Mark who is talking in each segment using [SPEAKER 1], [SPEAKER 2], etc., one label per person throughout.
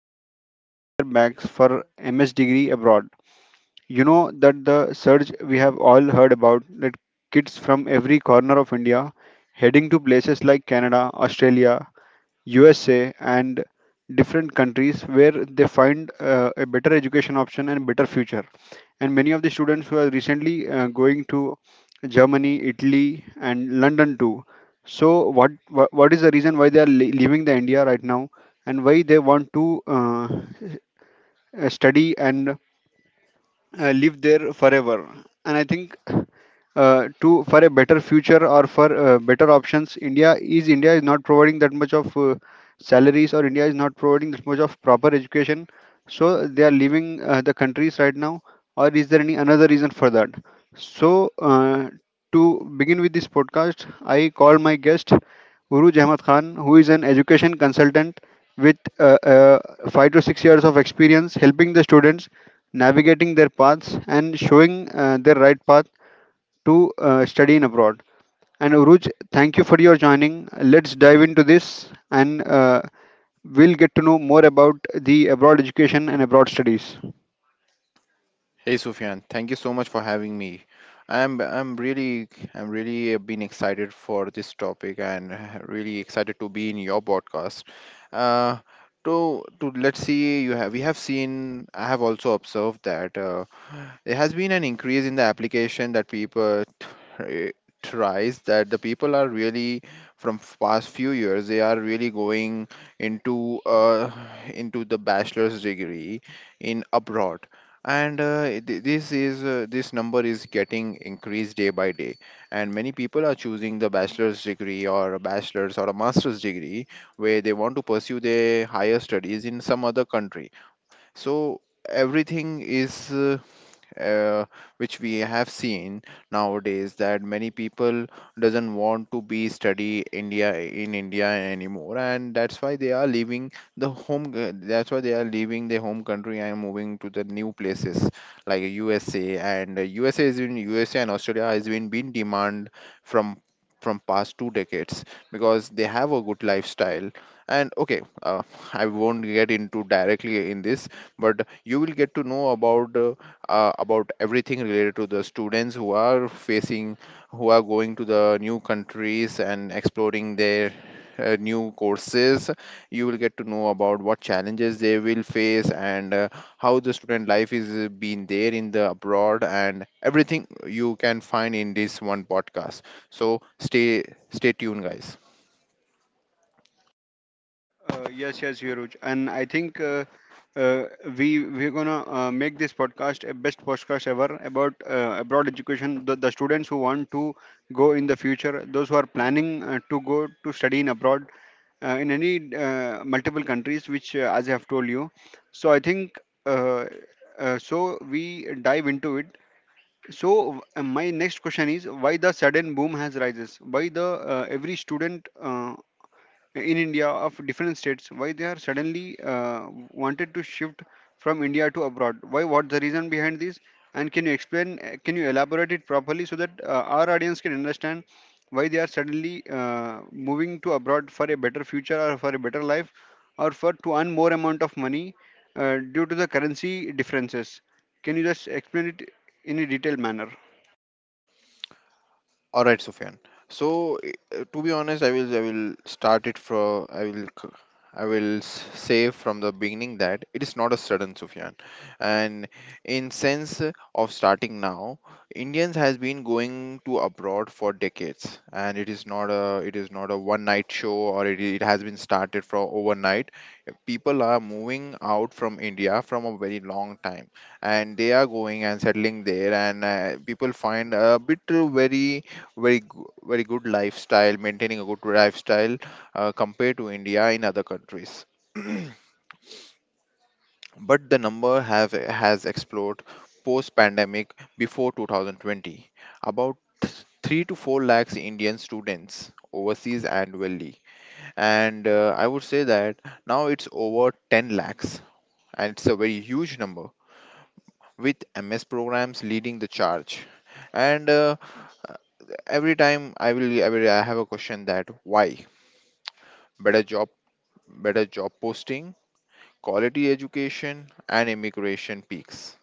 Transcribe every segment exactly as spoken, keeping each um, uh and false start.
[SPEAKER 1] are suddenly packing their bags for M S degree abroad. You know that the surge we have all heard about, that kids from every corner of India heading to places like Canada, Australia, U S A, and different countries where they find uh, a better education option and better future. And many of the students who are recently uh, going to Germany, Italy, and London too. So, what what, what is the reason why they are le- leaving the India right now, and why they want to uh, uh, study and uh, live there forever. And I think uh, to for a better future, or for uh, better options, india is india is not providing that much of uh, salaries, or India is not providing that much of proper education, so they are leaving uh, the countries right now, or is there any another reason for that? So uh, to begin with this podcast, I called my guest Uruj Ahmad Khan, who is an education consultant with uh, uh, five to six years of experience helping the students navigating their paths and showing uh, their right path to uh, study in abroad. And Uruj, thank you for your joining. Let's dive into this, and uh, we'll get to know more about the abroad education and abroad studies.
[SPEAKER 2] Hey Sufyan, thank you so much for having me. I'm I'm really I'm really been excited for this topic and uh, really excited to be in your podcast. Uh, to to Let's see, you have we have seen, I have also observed that. Uh, there has been an increase in the application that people tr- tries that the people are really from f- past few years they are really going into uh, into the bachelor's degree in abroad, and uh, it- th- this is uh, this number is getting increased day by day, and many people are choosing the bachelor's degree or a bachelor's or a master's degree where they want to pursue their higher studies in some other country. So everything is uh, uh, which we have seen nowadays, that many people doesn't want to be study India in India anymore, and that's why they are leaving the home. c- That's why they are leaving their home country and moving to the new places like U S A and uh, U S A is in U S A and Australia has been been demand from from past two decades, because they have a good lifestyle. And okay, uh, I won't get into directly in this, but you will get to know about uh, uh, about everything related to the students who are facing, who are going to the new countries and exploring their uh, new courses. You will get to know about what challenges they will face and uh, how the student life is uh, been there in the abroad, and everything you can find in this one podcast. So stay stay tuned, guys.
[SPEAKER 1] Uh, yes, yes, Viruj. And I think uh, uh, we we're gonna uh, make this podcast a best podcast ever about uh, abroad education. The, the students who want to go in the future, those who are planning uh, to go to study in abroad uh, in any uh, multiple countries, which uh, as I have told you. So I think uh, uh, so we dive into it. So uh, my next question is, why the sudden boom has rises? Why the uh, every student? Uh, in India of different states, why they are suddenly uh, wanted to shift from India to abroad? Why? What's the reason behind this? And can you explain? uh, Can you elaborate it properly so that uh, our audience can understand why they are suddenly uh, moving to abroad for a better future, or for a better life, or for to earn more amount of money uh, due to the currency differences? Can you just explain it in a detailed manner?
[SPEAKER 2] All right, Sufyan. So, uh, to be honest, I will I will start it from, I will c- I will s- say from the beginning that it is not a sudden, Sufyan, and in sense of starting now, Indians has been going to abroad for decades, and it is not a it is not a one night show, or it, it has been started from overnight. People are moving out from India from a very long time, and they are going and settling there, and uh, people find a bit uh, very, very, go- very good lifestyle, maintaining a good lifestyle uh, compared to India in other countries. But the number have has exploded post-pandemic before two thousand twenty. About three to four lakhs Indian students overseas annually, and uh, I would say that now it's over ten lakhs, and it's a very huge number, with MS programs leading the charge. And uh, every time, i will I, will, I have a question that why better job better job posting, quality education, and immigration peaks.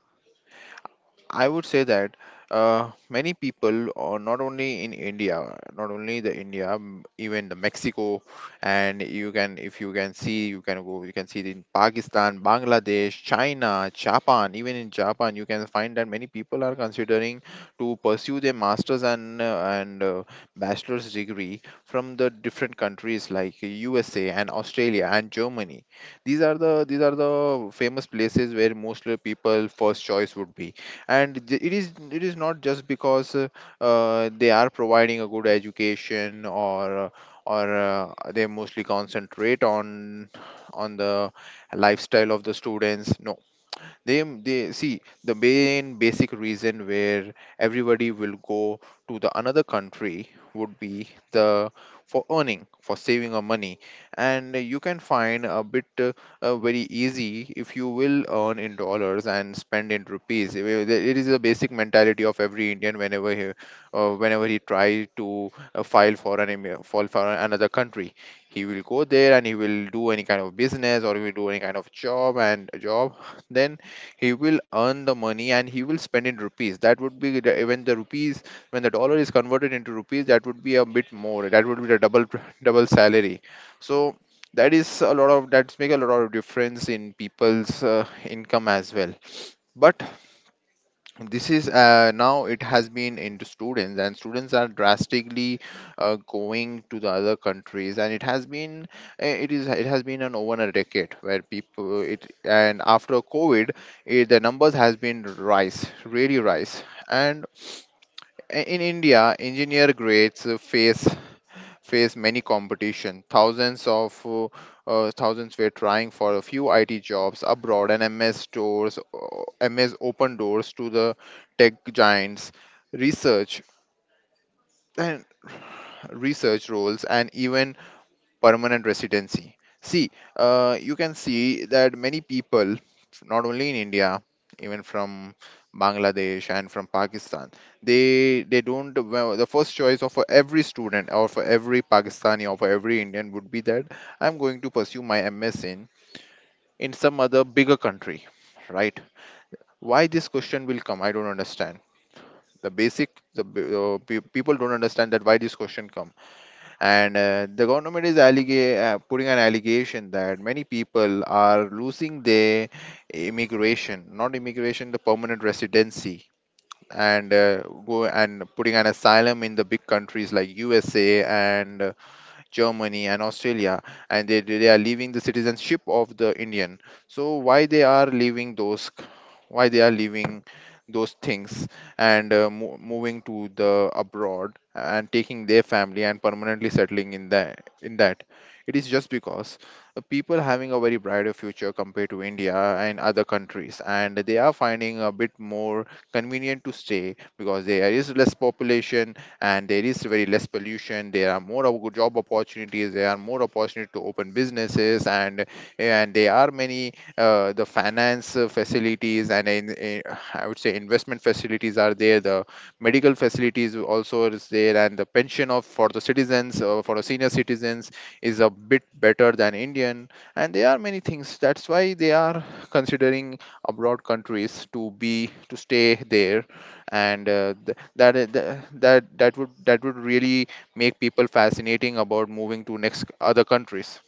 [SPEAKER 2] I would say that uh, many people, or not only in India, not only the India, m- even the Mexico, and you can, if you can see, you can go, you can see it in Pakistan, Bangladesh, China, Japan. Even in Japan, you can find that many people are considering to pursue their masters and uh, and uh, bachelor's degree from the different countries like U S A and Australia and Germany. These are the these are the famous places where mostly people first choice would be. And th- it is it is not just because uh, uh, they are providing a good education, or uh, or uh, they mostly concentrate on on the lifestyle of the students. No, they they see the main basic reason, where everybody will go to the another country would be the, for earning, for saving of money. And you can find a bit uh, uh, very easy. If you will earn in dollars and spend in rupees, it is it is a basic mentality of every Indian whenever he, uh, whenever he try to uh, file for an immi- file for another country, he will go there and he will do any kind of business, or he will do any kind of job, and a job, then he will earn the money and he will spend in rupees, that would be the, when the rupees when the dollar is converted into rupees, that would be a bit more, that would be the double double salary. So that is a lot of that's make a lot of difference in people's uh, income as well. But this is uh, now it has been into students, and students are drastically uh, going to the other countries, and it has been, eh, it is it has been an over a decade where people, it and after COVID, it, the numbers has been rise really rise. And eh, in India, engineer grades face face many competition. Thousands of uh, uh, thousands were trying for a few I T jobs abroad, and M S stores, uh, M S open doors to the tech giants, research and research roles, and even permanent residency. See, uh, you can see that many people, not only in India, even from Bangladesh and from Pakistan, they they don't, well, the first choice of every student, or for every Pakistani, or for every Indian would be that, I'm going to pursue my M S in in some other bigger country, right? Why this question will come? I don't understand. The basic the b- uh, pe- people don't understand that why this question comes. And uh, the government is allega- uh, putting an allegation that many people are losing their immigration, not immigration, the permanent residency, and uh, go and putting an asylum in the big countries like USA, and Germany, and Australia, and they, they are leaving the citizenship of the Indian. So why they are leaving those? Why they are leaving those things, and uh, mo- moving to the abroad and taking their family and permanently settling in that, in that it is just because, uh, people having a very brighter future compared to India and other countries, and they are finding a bit more convenient to stay, because there is less population, and there is very less pollution, there are more of good job opportunities, there are more opportunity to open businesses, and and there are many uh, the finance uh, facilities, and in, in, I would say investment facilities are there, the medical facilities also is there, and the pension of for the citizens, uh, for the senior citizens is a bit better than Indian. And there are many things, that's why they are considering abroad countries to be to stay there. And uh, th- that I- th- that that would that would really make people fascinating about moving to next other countries.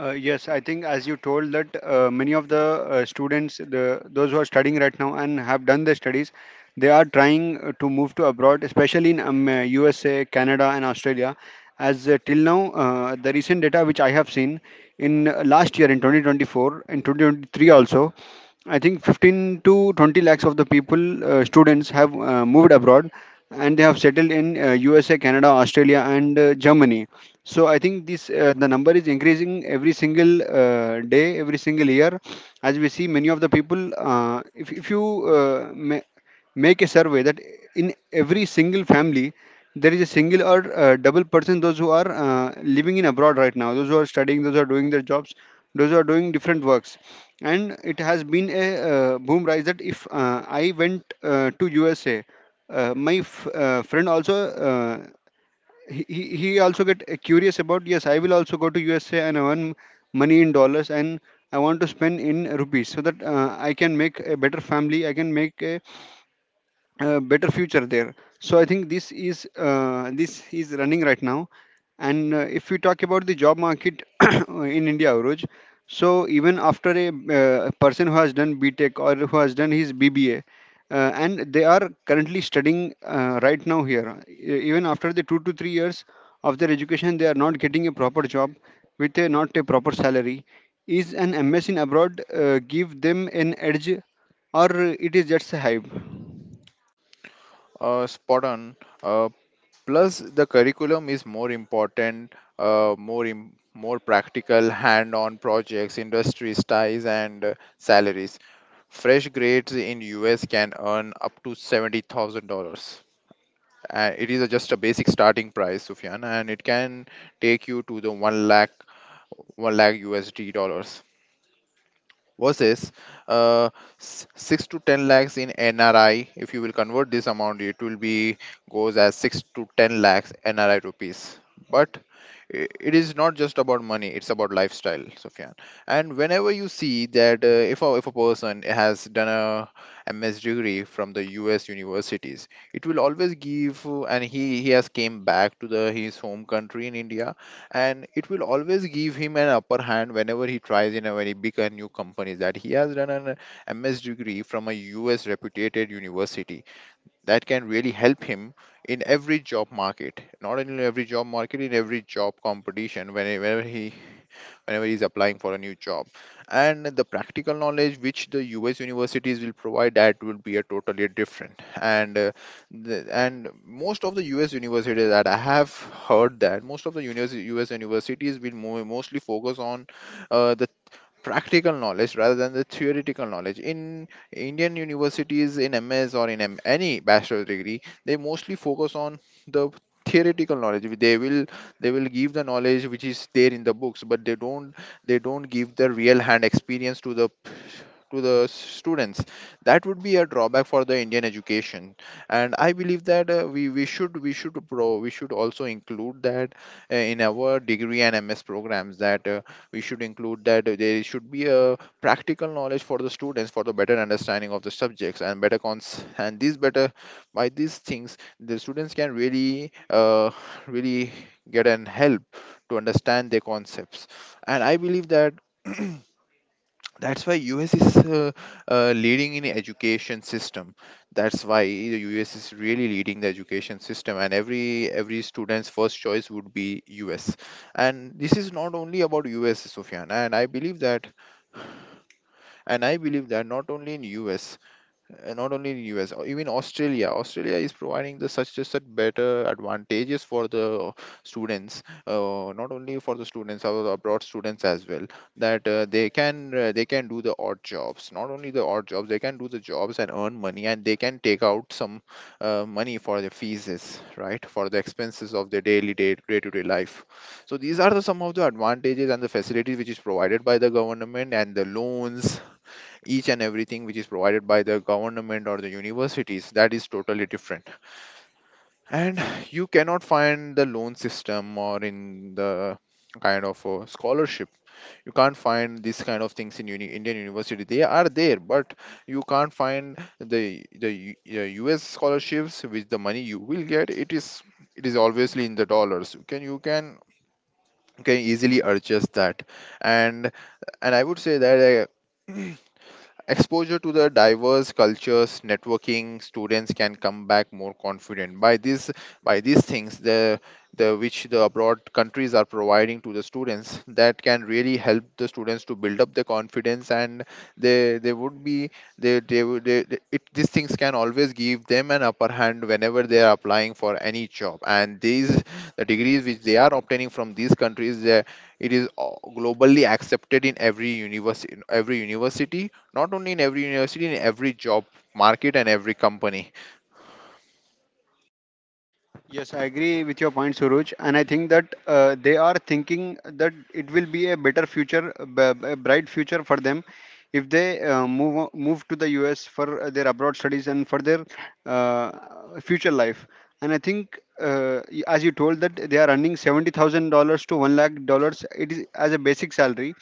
[SPEAKER 1] Uh, yes, I think as you told that uh, many of the uh, students, the those who are studying right now and have done their studies, they are trying uh, to move to abroad, especially in um, uh, U S A, Canada, and Australia. As uh, till now, uh, the recent data which I have seen in uh, last year in twenty twenty-four and twenty twenty-three also, I think fifteen to twenty lakhs of the people, uh, students, have uh, moved abroad, and they have settled in uh, U S A, Canada, Australia, and uh, Germany. So I think this uh, the number is increasing every single uh, day, every single year, as we see many of the people. Uh, if if you uh, ma- make a survey that in every single family there is a single or uh, double person, those who are uh, living in abroad right now, those who are studying, those who are doing their jobs, those who are doing different works. And it has been a uh, boom rise that if uh, I went uh, to U S A, uh, my f- uh, friend also. Uh, he he he also get uh, curious about, yes, I will also go to USA and earn money in dollars, and I want to spend in rupees so that uh, I can make a better family, I can make a a better future there. So I think this is uh, this is running right now. And uh, if we talk about the job market in India, Aruj, so even after a, uh, person who has done BTech or who has done his B B A, uh, and they are currently studying uh, right now here, e- even after the two to three years of their education, they are not getting a proper job with a not a proper salary. Is an M S in abroad uh, give them an edge, or it is just a hype?
[SPEAKER 2] Uh, spot on. Uh, Plus the curriculum is more important, uh, more im- more practical, hand on projects, industries ties, and uh, salaries. Fresh grades in US can earn up to seventy thousand dollars. Uh, it is a- just a basic starting price, Sufyan, and it can take you to the one lakh, one lakh USD dollars, versus uh, s- six to ten lakhs in N R I. If you will convert this amount, it will be goes as six to ten lakhs N R I rupees. But i- it is not just about money, it's about lifestyle, Sufyan. And whenever you see that, uh, if, a, if a person has done a MS degree from the US universities, it will always give, uh, and he he has came back to the his home country in India, and it will always give him an upper hand whenever he tries in a very big and new company, that he has done an MS degree from a US reputed university, that can really help him in every job market, not only in every job market, in every job competition, whenever he whenever he's applying for a new job. And the practical knowledge which the US universities will provide, that will be a totally different. And uh, the, and most of the US universities that I have heard, that most of the universe- US universities will mo- mostly focus on, uh, the practical knowledge rather than the theoretical knowledge. In Indian universities, in MS or in M- any bachelor's degree, they mostly focus on the theoretical knowledge. They will they will give the knowledge which is there in the books, but they don't they don't give the real hand experience to the, to the students. That would be a drawback for the Indian education. And I believe that uh, we we should we should pro we should also include that, uh, in our degree and MS programs, that uh, we should include, that there should be a practical knowledge for the students, for the better understanding of the subjects and better cons, and these better, by these things, the students can really uh, really get an help to understand their concepts. And I believe that, that's why US is uh, uh, leading in education system. That's why the US is really leading the education system, and every every student's first choice would be US. And this is not only about US, Sufyan, and I believe that, and I believe that not only in us uh, not only in U S, or even Australia. Australia is providing the such just such better advantages for the students, uh, not only for the students, our abroad students as well, that uh, they can uh, they can do the odd jobs. Not only the odd jobs, they can do the jobs and earn money, and they can take out some uh, money for their fees, right, for the expenses of their daily day day to day life. So these are the some of the advantages and the facilities which is provided by the government and the loans, each and everything which is provided by the government or the universities, that is totally different. And you cannot find the loan system or in the kind of a scholarship. You can't find these kind of things in uni- Indian university. They are there, but you can't find the the U- uh, US scholarships. With the money you will get, it is it is obviously in the dollars. You can you can you can easily adjust that. And and I would say that uh, Exposure to the diverse cultures, networking, students can come back more confident. By these by these things, the the which the abroad countries are providing to the students, that can really help the students to build up their confidence. And they they would be they they, would- they, they it, these things can always give them an upper hand whenever they are applying for any job. And these the degrees which they are obtaining from these countries, they, it is uh, globally accepted in every university every university. Not only in every university, in every job market and every company.
[SPEAKER 1] Yes, I agree with your point, Suruj, and I think that uh, they are thinking that it will be a better future, a b- a bright future for them if they uh, move o- move to the U S for uh, their abroad studies and for their uh, future life. And I think, uh, y- as you told, that they are earning seventy thousand dollars to one lakh dollars. It is as a basic salary.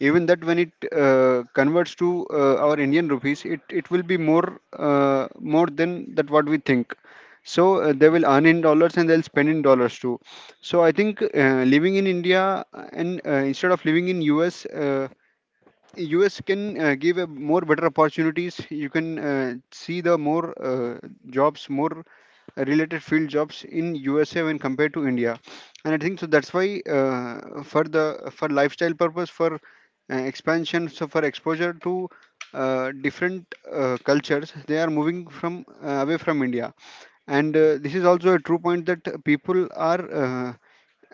[SPEAKER 1] Even that, when it uh, converts to uh, our Indian rupees, it, it will be more uh, more than that what we think, so uh, they will earn in dollars, and they'll spend in dollars too. So I think uh, living in India, and uh, instead of living in us, uh, U S can uh, give a more better opportunities. You can uh, see the more uh, jobs, more related field jobs in U S A when compared to India, and I think so. That's why uh, for the for lifestyle purpose, for uh, expansion, so for exposure to uh, different uh, cultures, they are moving from uh, away from India. And uh, this is also a true point that people are. Uh,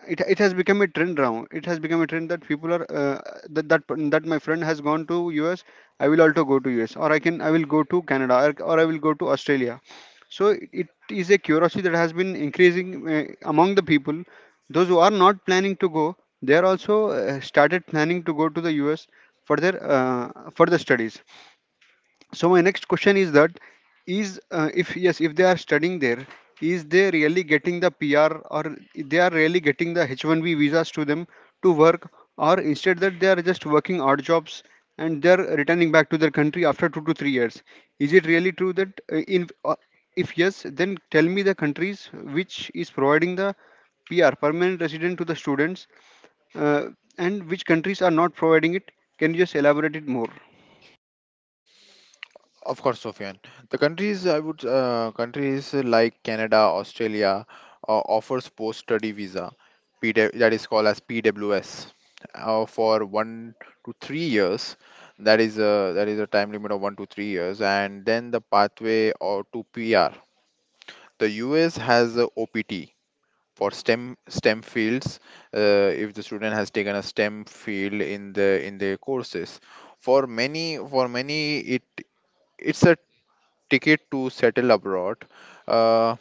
[SPEAKER 1] it it has become a trend now. It has become a trend that people are uh, that that that my friend has gone to U S. I will also go to U S, or I can I will go to Canada, or, or I will go to Australia. So it is a curiosity that has been increasing uh, among the people. Those who are not planning to go, they are also uh, started planning to go to the U S for their uh, for the studies. So my next question is that is uh, if yes, if they are studying there, is they really getting the pr, or they are really getting the H one B visas to them to work, or instead that they are just working odd jobs and they are returning back to their country after two to three years? Is it really true that uh, in uh, if yes, then tell me the countries which is providing the pr, permanent resident, to the students, uh, and which countries are not providing it? Can you just elaborate it more?
[SPEAKER 2] Of course, Sofian. The countries I would uh, countries like Canada, Australia, uh, offers post-study visa, P W, that is called as P W S, uh, for one to three years. That is a that is a time limit of one to three years, and then the pathway or to PR. The US has a OPT, for STEM STEM fields, uh, if the student has taken a STEM field in the in their courses. For many for many it it's a ticket to settle abroad. Uh,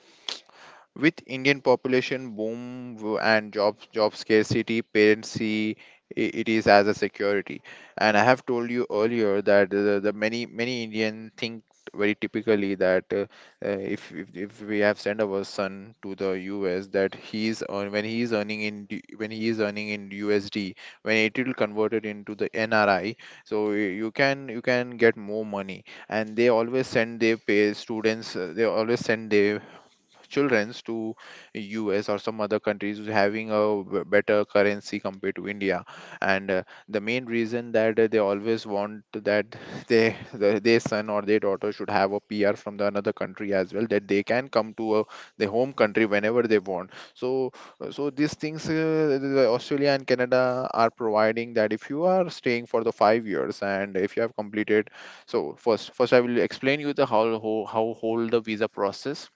[SPEAKER 2] with Indian population boom, w- and job job scarcity, parents see, i- it is as a security. And I have told you earlier that the, the many many Indian think very typically that uh, uh, if, if if we have sent our son to the U S, that he's earn when he is earning in D- when he is earning in U S D, when it will convert it into the N R I, so y- you can you can get more money. And they always send their pay students. uh, They always send their childrens to U S or some other countries who's having a b- better currency compared to India. And uh, the main reason that uh, they always want that they the, their son or their daughter should have a P R from the another country as well, that they can come to a, their home country whenever they want. So uh, so these things, uh, the Australia and Canada are providing, that if you are staying for the five years and if you have completed. So first first I will explain you the how how, how hold the visa process,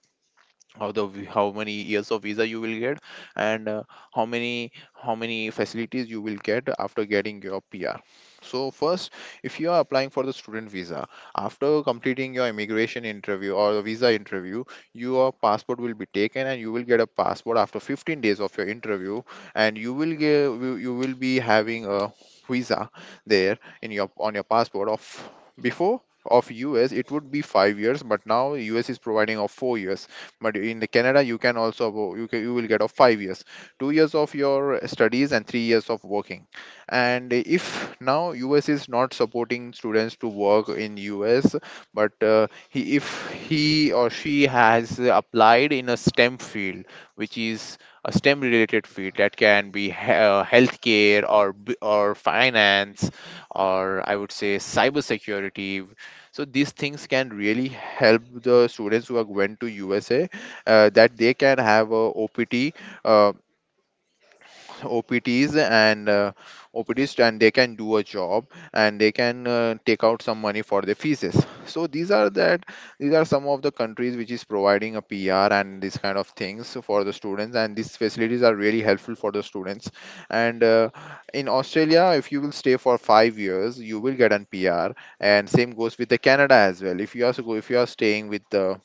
[SPEAKER 2] how the vi- how many years of visa you will get, and uh, how many how many facilities you will get after getting your PR. So first, if you are applying for the student visa, after completing your immigration interview or the visa interview, your passport will be taken and you will get a passport after fifteen days of your interview. And you will get you you will be having a visa there in your on your passport. Of before, of U S, it would be five years, but now U S is providing of four years. But in the Canada, you can also abo- you, can, you will get of five years, two years of your studies and three years of working. And if, now US is not supporting students to work in US, but uh, he, if he or she has applied in a stem field which is a STEM related field, that can be he- uh, healthcare or b- or finance, or I would say cybersecurity. So these things can really help the students who are going to U S A, uh, that they can have a O P T, uh, O P Ts and uh, O P Ts, and they can do a job and they can uh, take out some money for their fees. So these are that these are some of the countries which is providing a P R and this kind of things for the students, and these facilities are really helpful for the students. And uh, in Australia, if you will stay for five years, you will get an P R, and same goes with the Canada as well. If you also go if you are staying with the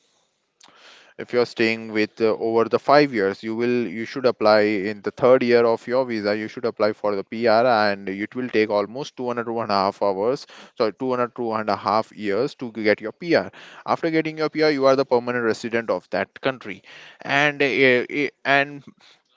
[SPEAKER 2] if you're staying with uh, Over the five years, you will you should apply in the third year of your visa. You should apply for the P R and it will take almost two hundred one and a half hours, so two hundred two and a half years to get your P R. After getting your P R, you are the permanent resident of that country. And uh, uh, and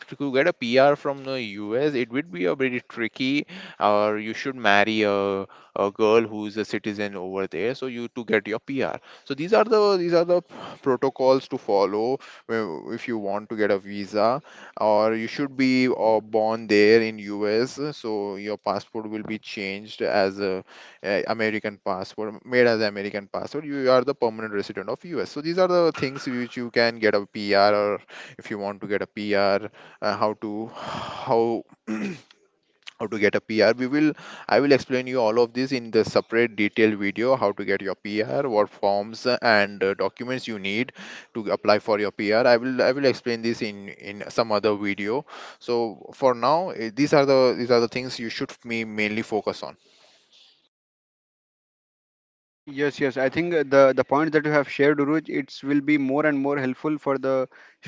[SPEAKER 2] to get a P R from the U S, it would be a bit tricky. Or you should marry a, a girl who's a citizen over there, so you to get your P R. So these are the these are the protocols to follow, uh, if you want to get a visa. Or you should be uh, born there in U S, so your passport will be changed as a, uh American passport, made as American passport. You are the permanent resident of U S. So these are the things which you can get a P R, or if you want to get a P R, uh, how to how how to get a P R. We will I will explain you all of this in the separate detailed video how to get your P R, what forms uh, and uh, documents you need to apply for your P R. I will I will explain this in in some other video. So for now, eh, these are the these are the things you should me mainly focus on.
[SPEAKER 1] Yes, yes. I think uh, the the point that you have shared, Uruj, it's will be more and more helpful for the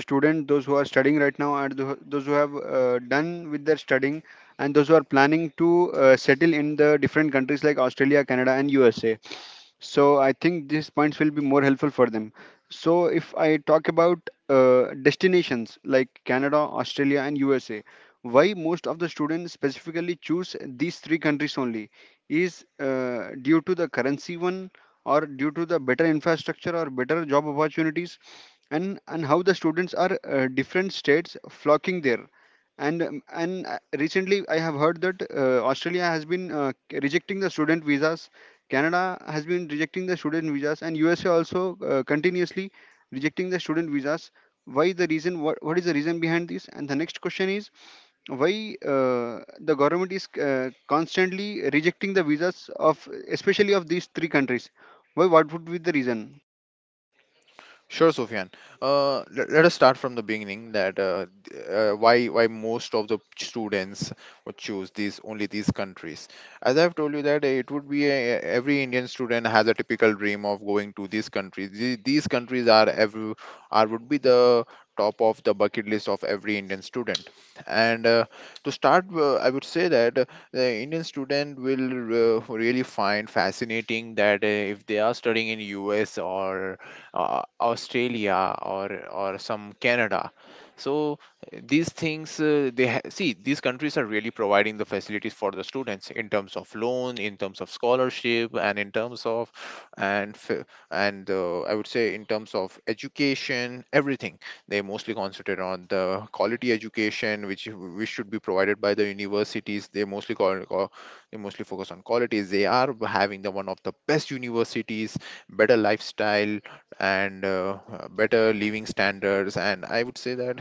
[SPEAKER 1] student, those who are studying right now, and tho- those who have uh, done with their studying, and those who are planning to uh, settle in the different countries like Australia, Canada, and U S A. So I think these points will be more helpful for them. So if I talk about uh, destinations like Canada, Australia, and USA, why most of the students specifically choose these three countries only? Is uh, due to the currency one, or due to the better infrastructure or better job opportunities? And and how the students are uh, different states flocking there? And um, and uh, recently I have heard that uh, Australia has been uh, rejecting the student visas, Canada has been rejecting the student visas, and U S A also uh, continuously rejecting the student visas. Why the reason? What what is the reason behind this? And the next question is, why uh, the government is uh, constantly rejecting the visas of, especially of these three countries. Why? What would be the reason?
[SPEAKER 2] Sure, Sufyan. Uh, let, let us start from the beginning, that uh, th- uh, why why most of the students would choose these only these countries. As I've told you that it would be a, every Indian student has a typical dream of going to these countries. These, these countries are every, are would be the top of the bucket list of every Indian student. And uh, to start, uh, I would say that uh, the Indian student will uh, really find fascinating that uh, if they are studying in U S, or uh, Australia, or or some Canada. So uh, these things, uh, they ha- see, these countries are really providing the facilities for the students in terms of loan, in terms of scholarship, and in terms of, and f- and uh, I would say in terms of education, everything. They mostly concentrate on the quality education, which which should be provided by the universities. They mostly call, call they mostly focus on qualities. They are having the one of the best universities, better lifestyle, and uh, uh, better living standards, and I would say that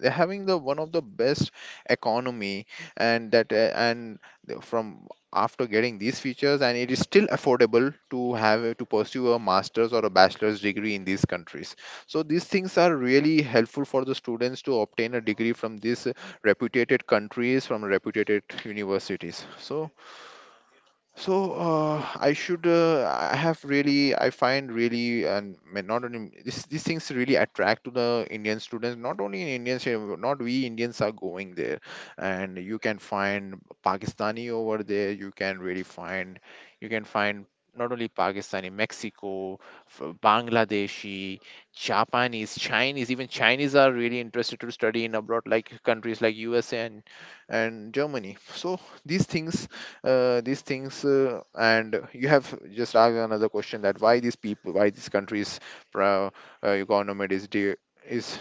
[SPEAKER 2] they're having the one of the best economy, and that uh, and the- from after getting these features, and it is still affordable to have a- to pursue a master's or a bachelor's degree in these countries. So these things are really helpful for the students to obtain a degree from these uh, reputed countries, from reputed universities. So so uh, I should uh, I have really I find really and may not only this these things really attract to the Indian students. Not only in Indians, uh, not we Indians are going there. And you can find Pakistani over there, you can really find you can find not only Pakistani, Mexico, f- Bangladeshi, Japanese, Chinese. Even Chinese are really interested to study in abroad, like countries like U S A and and Germany. So these things uh, these things uh, and you have just asked another question, that why these people, why these countries uh, uh, economy is de- is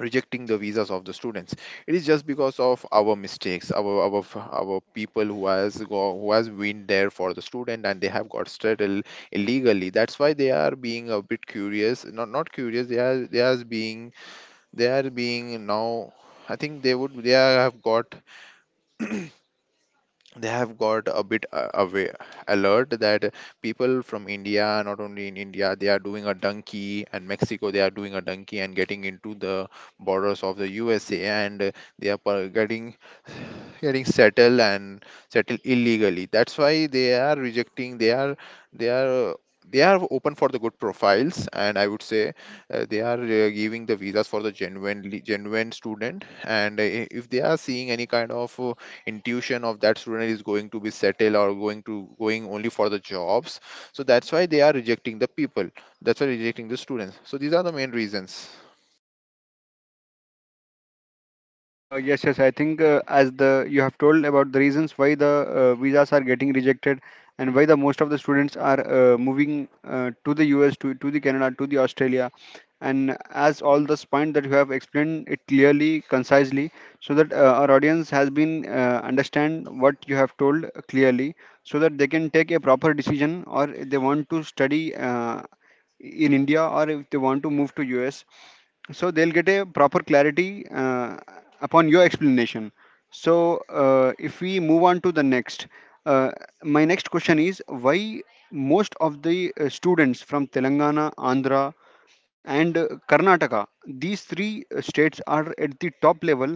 [SPEAKER 2] rejecting the visas of the students. It is just because of our mistakes, our our f- our people who has go, who has been there for the student and they have got settled illegally. That's why they are being a bit curious, not not curious, they are they are being, they are being now I think, they would they are, have got they have got a bit uh, away alert, that people from India, not only in India, they are doing a donkey, and Mexico, they are doing a donkey and getting into the borders of the USA, and uh, they are per- getting getting settled and settled illegally. That's why they are rejecting, they are they are uh, they are open for the good profiles. And I would say, uh, they are uh, giving the visas for the genuinely genuine student, and uh, if they are seeing any kind of uh, intuition of that student is going to be settled, or going to going only for the jobs, so that's why they are rejecting the people, that's why rejecting the students. So these are the main reasons.
[SPEAKER 1] Uh, yes, yes. I think uh, as the you have told about the reasons why the uh, visas are getting rejected, and why the most of the students are uh, moving uh, to the U S, to to the Canada, to the Australia, and as all this point that you have explained it clearly, concisely, so that uh, our audience has been uh, understand what you have told clearly, so that they can take a proper decision, or if they want to study uh, in India, or if they want to move to U S, so they'll get a proper clarity uh, upon your explanation. So uh, if we move on to the next, uh, my next question is, why most of the uh, students from Telangana, Andhra, and uh, Karnataka, these three uh, states are at the top level?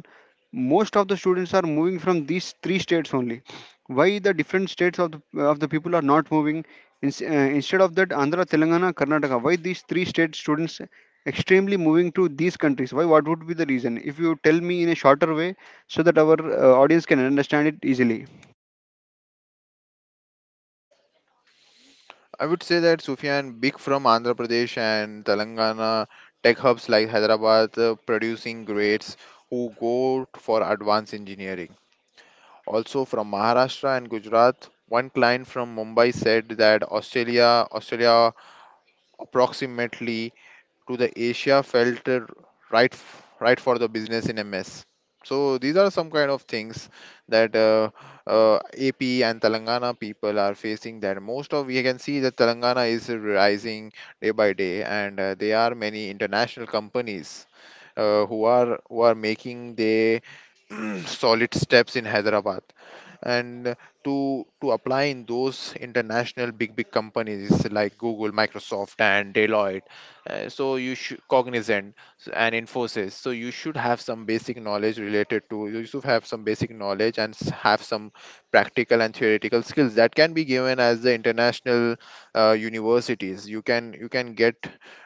[SPEAKER 1] Most of the students are moving from these three states only. Why the different states of the, of the people are not moving? Ins- uh, Instead of that, Andhra, Telangana, Karnataka, why these three state students extremely moving to these countries? Why? What would be the reason if you tell me in a shorter way, so that our uh, audience can understand it easily?
[SPEAKER 2] I would say that, Sufyan, big from Andhra Pradesh and Telangana, tech hubs like Hyderabad, uh, producing grades who go for advanced engineering. Also from Maharashtra and Gujarat. One client from Mumbai said that Australia, australia approximately to the Asia, felt uh, right f- right for the business in M S. So these are some kind of things that uh, uh, A P and Telangana people are facing. That most of you can see that Telangana is rising day by day, and uh, there are many international companies, uh, who are who are making the solid steps in Hyderabad, and to to apply in those international big big companies like Google, Microsoft, and Deloitte. Uh, so you should Cognizant, s- and Infosys. So you should have some basic knowledge related to. You should have some basic knowledge and s- Have some practical and theoretical skills that can be given as the international, uh, universities. You can you can get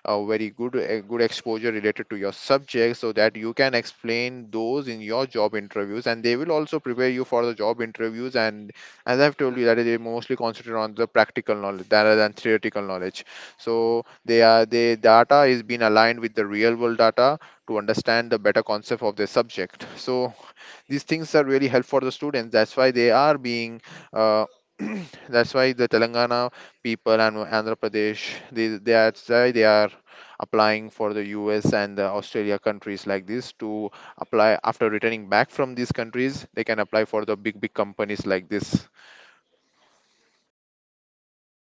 [SPEAKER 2] a very good a good exposure related to your subject, so that you can explain those in your job interviews, and they will also prepare you for the job interviews. And as I've told you, that they mostly concentrate on the practical knowledge rather than theoretical knowledge, so they are, the data is being aligned with the real world data to understand the better concept of the subject. So these things are really helpful for the students. That's why they are being, uh, that's why the Telangana people and Andhra Pradesh, they they are that's why they are applying for the US and the Australia countries like this. To apply, after returning back from these countries, they can apply for the big big companies like this.